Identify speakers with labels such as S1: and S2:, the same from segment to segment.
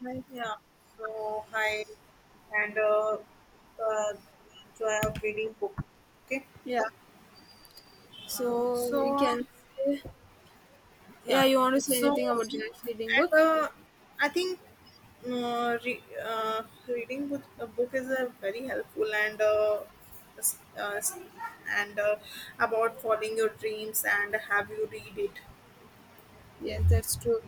S1: Right.
S2: Yeah, so hi, and uh, joy of reading book. Okay,
S1: Yeah. So we
S2: so
S1: can say, yeah,
S2: yeah,
S1: you want to say
S2: so
S1: anything about joy of reading book?
S2: and I think uh, re- uh, reading book, a book is a very helpful s- uh, s- and about following your dreams and have you read it.
S1: Yes, that's true.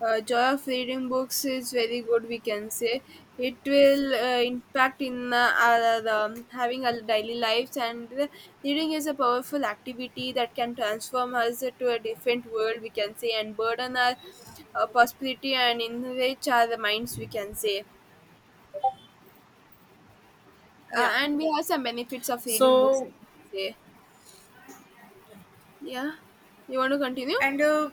S1: Joy of reading books is very good. We can say it will impact in our having our daily lives, and reading is a powerful activity that can transform us to a different world. We can say, and burden our prosperity and enrich our minds. We can say,
S2: Yeah,
S1: and we have some benefits of reading books,
S2: so
S1: we can say. Yeah, you want to continue?
S2: and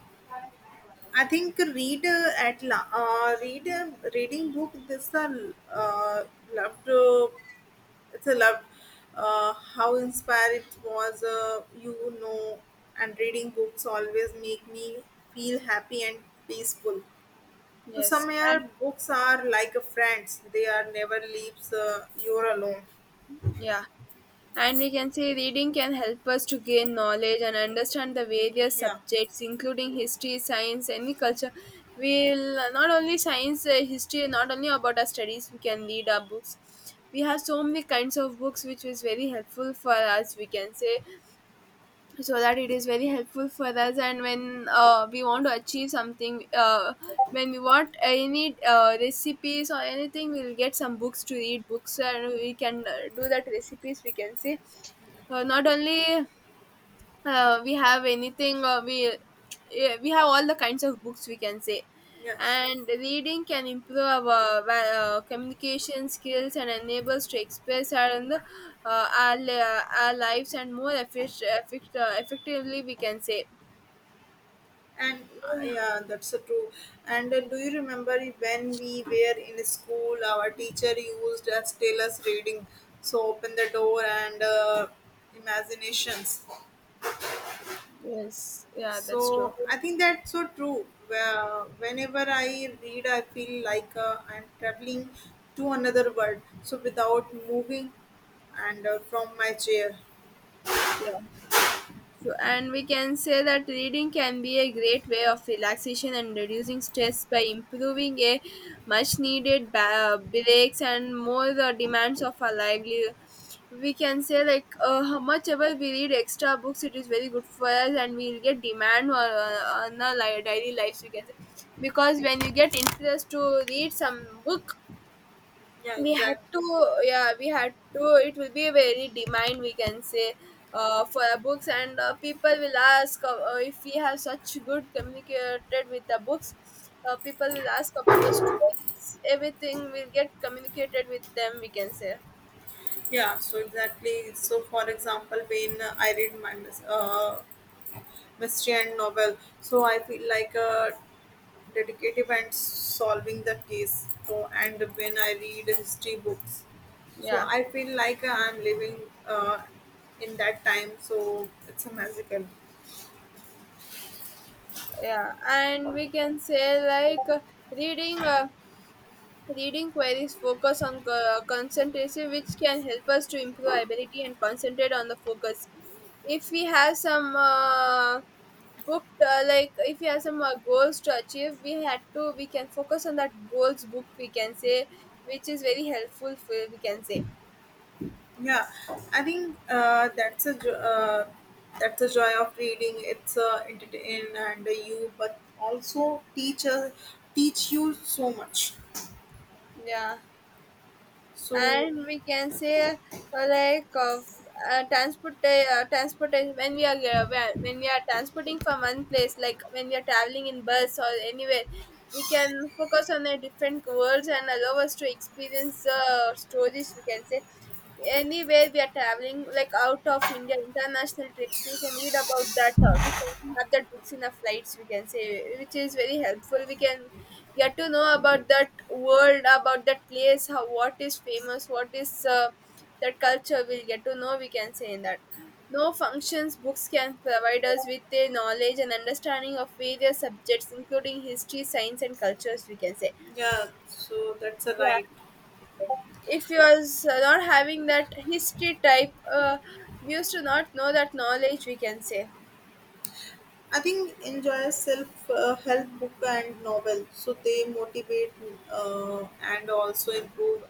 S2: I think reader reading book. This a uh, love to. It's a love. How inspired it was. Know, and reading books always make me feel happy and peaceful. So
S1: Yes,
S2: somewhere
S1: and,
S2: books are like a friends. They are never leaves. You're alone.
S1: yeah, and we can say reading can help us to gain knowledge and understand the various
S2: Yeah.
S1: subjects, including history, science, any culture. We'll not only science, history, not only about our studies, we can read our books. We have so many kinds of books, which is very helpful for us. We can say, so that it is very helpful for us, and when we want to achieve something, when we want any recipes or anything, we'll get some books to read books, and we can do that recipes, we can see, not only we have anything, we, yeah, we have all the kinds of books, we can say,
S2: Yes.
S1: and reading can improve our communication skills and enables to express our, in the, our, our lives and more effectively, we can say.
S2: And yeah, that's true. And
S1: Yeah.
S2: do you remember when we were in school, our teacher used us tell us reading, so open the door and imaginations.
S1: Yes, yeah, that's true.
S2: So I think that's so true. Whenever I read, I feel like I'm traveling to another world. So without moving and from my chair.
S1: Yeah. So, and we can say that reading can be a great way of relaxation and reducing stress by improving a much needed breaks and more the demands of our livelihood. We can say, like how much ever we read extra books, it is very good for us, and we'll get demand on our daily lives. We can say, because when you get interest to read some book,
S2: Yeah,
S1: we had to,
S2: exactly.
S1: yeah, we had to. It will be very demand, we can say, for our books, and people will ask, if we have such good communicated with the books. People will ask about the stories. Everything will get communicated with them. We can say,
S2: Yeah, so exactly. So, for example, when I read my mystery and novel. So I feel like a detective and solving the case. So and when I read history books, so
S1: yeah,
S2: I feel like I'm living uh, in that time. So it's a magical.
S1: yeah, and we can say, like, reading. Reading queries focus on concentration, which can help us to improve ability and concentrate on the focus. If we have some book, like if we have some goals to achieve, we had to we can focus on that goals book, we can say, which is very helpful. We can say.
S2: Yeah, I think that's the joy of reading. It's entertain and you, but also teach teach you so much.
S1: Yeah,
S2: So
S1: and we can say, like of, transportation, when we are when we are transporting from one place, like when we are traveling in bus or anywhere, we can focus on the different worlds and allow us to experience stories, we can say. Anywhere we are traveling, like out of India, international trips, we can read about that, we can have that books in our flights, we can say, which is very helpful. We can get to know about that world, about that place, how, what is famous, what is that culture, we'll get to know, we can say, in that. No, functions books can provide us with a knowledge and understanding of various subjects, including history, science, and cultures, we can say.
S2: yeah, so that's a
S1: Yeah.
S2: right.
S1: If you are not having that history type, we used to not know that knowledge, we can say.
S2: I think enjoy self help book and novel, so they motivate and also improve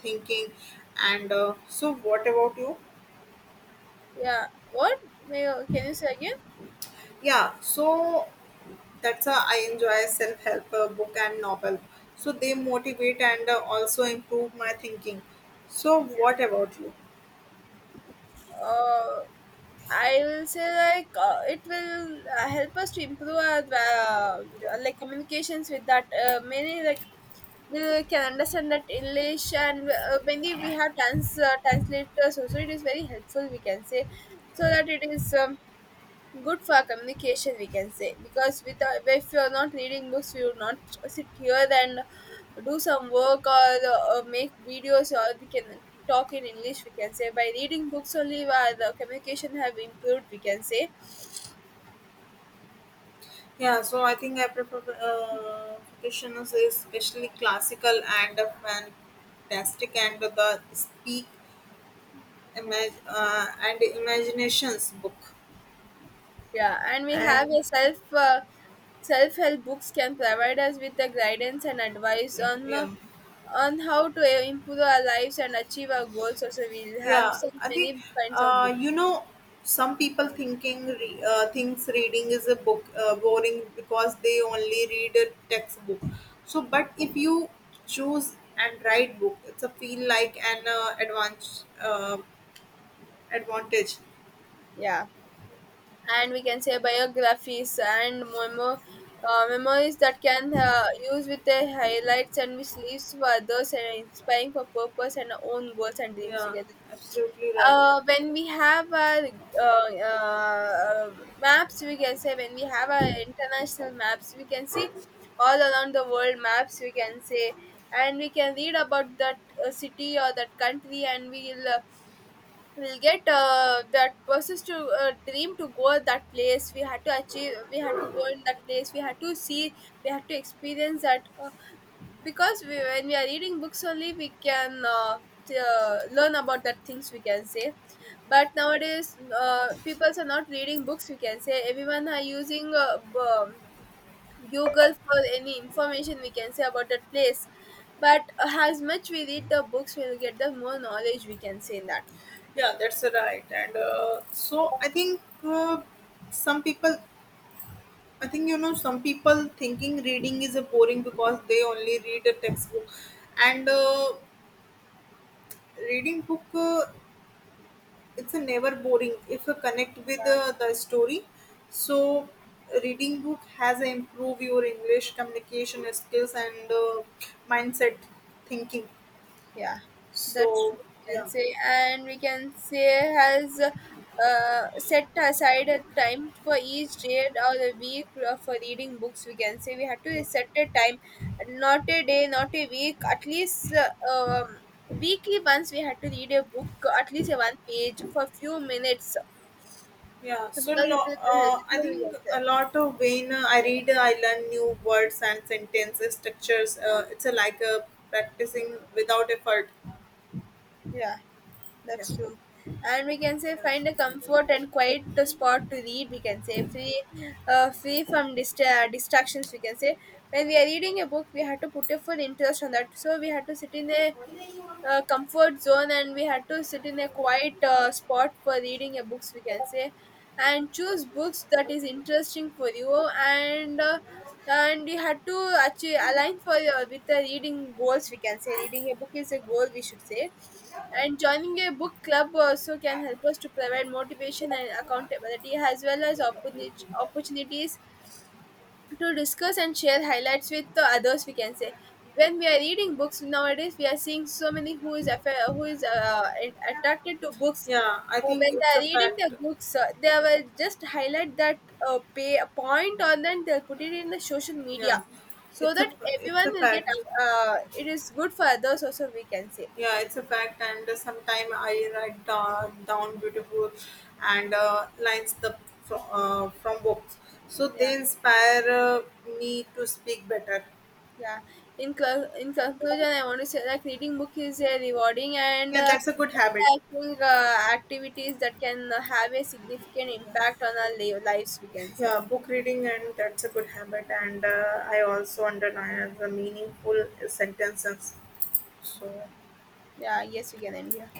S2: thinking. And so, what about you?
S1: Yeah, what, may, can you say again?
S2: Yeah, so that's how I enjoy self help book and novel. So they motivate and also improve my thinking. So, what about you?
S1: uh, I will say, like, it will help us to improve our
S2: Yeah.
S1: like communications with that, many, like, we can understand that English, and many we have translators also, it is very helpful, we can say. So that it is. Good for communication, we can say, because without, if you're not reading books, we will not sit here and do some work, or make videos, or we can talk in English, we can say, by reading books only, the communication have improved, we can say.
S2: Yeah, so I think I prefer fictions, especially classical and fantastic, and the speak and imaginations book
S1: Yeah, and we have
S2: and
S1: a self-help books can provide us with the guidance and advice on uh,
S2: yeah,
S1: on how to improve our lives and achieve our goals, also we'll have
S2: yeah,
S1: so
S2: I
S1: many
S2: think
S1: kinds of
S2: uh,
S1: books.
S2: you know some people thinking thinks reading is a book boring because they only read a textbook so but if you choose and write book it's a feel like an advantage advantage.
S1: Yeah, and we can say, biographies and memories, that can use with the highlights, and which leaves for others and inspiring for purpose and our own goals and dreams
S2: Yeah,
S1: together.
S2: absolutely right.
S1: When we have our uh, uh, maps, we can say, when we have our international maps, we can see all around the world maps. We can say, and we can read about that city or that country, and we will. We'll get that persons to dream to go that place, we had to achieve, we had to go in that place, we had to see, we had to experience that, because we, when we are reading books only, we can learn about that things, we can say. But nowadays people are not reading books, we can say, everyone are using um, Google for any information, we can say, about that place. But as much we read the books, we'll get the more knowledge, we can say, in that.
S2: Yeah, that's right. And so I think some people, I think you know some people thinking reading is a boring because they only read a textbook, and reading book it's a never boring if you connect with
S1: Uh,
S2: the story. So reading book has improve your English communication skills and mindset thinking.
S1: Yeah, that's
S2: So
S1: what we can
S2: yeah,
S1: say, and we can say has set aside a time for each day or the week, for reading books. We can say we had to
S2: yeah.
S1: set a time, not a day, not a week, at least weekly once we had to read a book, at least a one page for few minutes. So,
S2: Yeah,
S1: because it is
S2: I
S1: helpful, we can
S2: think a
S1: say.
S2: lot of when I read, I learn new words and sentences, structures. It's a, like a practicing without effort.
S1: Yeah.
S2: Yeah,
S1: That's true. And we can say,
S2: yeah,
S1: find a comfort and quiet spot to read. We can say, free, free from distractions, we can say. When we are reading a book, we have to put a full interest on that. So we have to sit in a comfort zone, and we had to sit in a quiet spot for reading a books, we can say, and choose books that is interesting for you, and you had to actually align for with the reading goals, we can say, reading a book is a goal, we should say. And joining a book club also can help us to provide motivation and accountability, as well as opportunities to discuss and share highlights with the others, we can say. When we are reading books nowadays, we are seeing so many who is affa- who is attracted to books.
S2: yeah. I
S1: Who,
S2: think
S1: when they
S2: it's
S1: are
S2: a
S1: reading the
S2: fact.
S1: books, they will just highlight that, pay point a point, and then they'll put it in the social media,
S2: Yeah,
S1: so
S2: it's a,
S1: that
S2: it's
S1: everyone
S2: a
S1: will get,
S2: fact.
S1: it is good for others also, we can say.
S2: Yeah, it's a fact. And sometime I write down beautiful and lines the from books, so
S1: Yeah.
S2: they inspire me to speak better.
S1: Yeah. In conclusion, I want to say that reading book is a rewarding and
S2: Yeah, that's a good habit.
S1: enlightening activities that can have a significant impact on our lives, we can say.
S2: Yeah, book reading, and that's a good habit. And I also underline the meaningful sentences. So.
S1: Yeah. Yes, we can end here.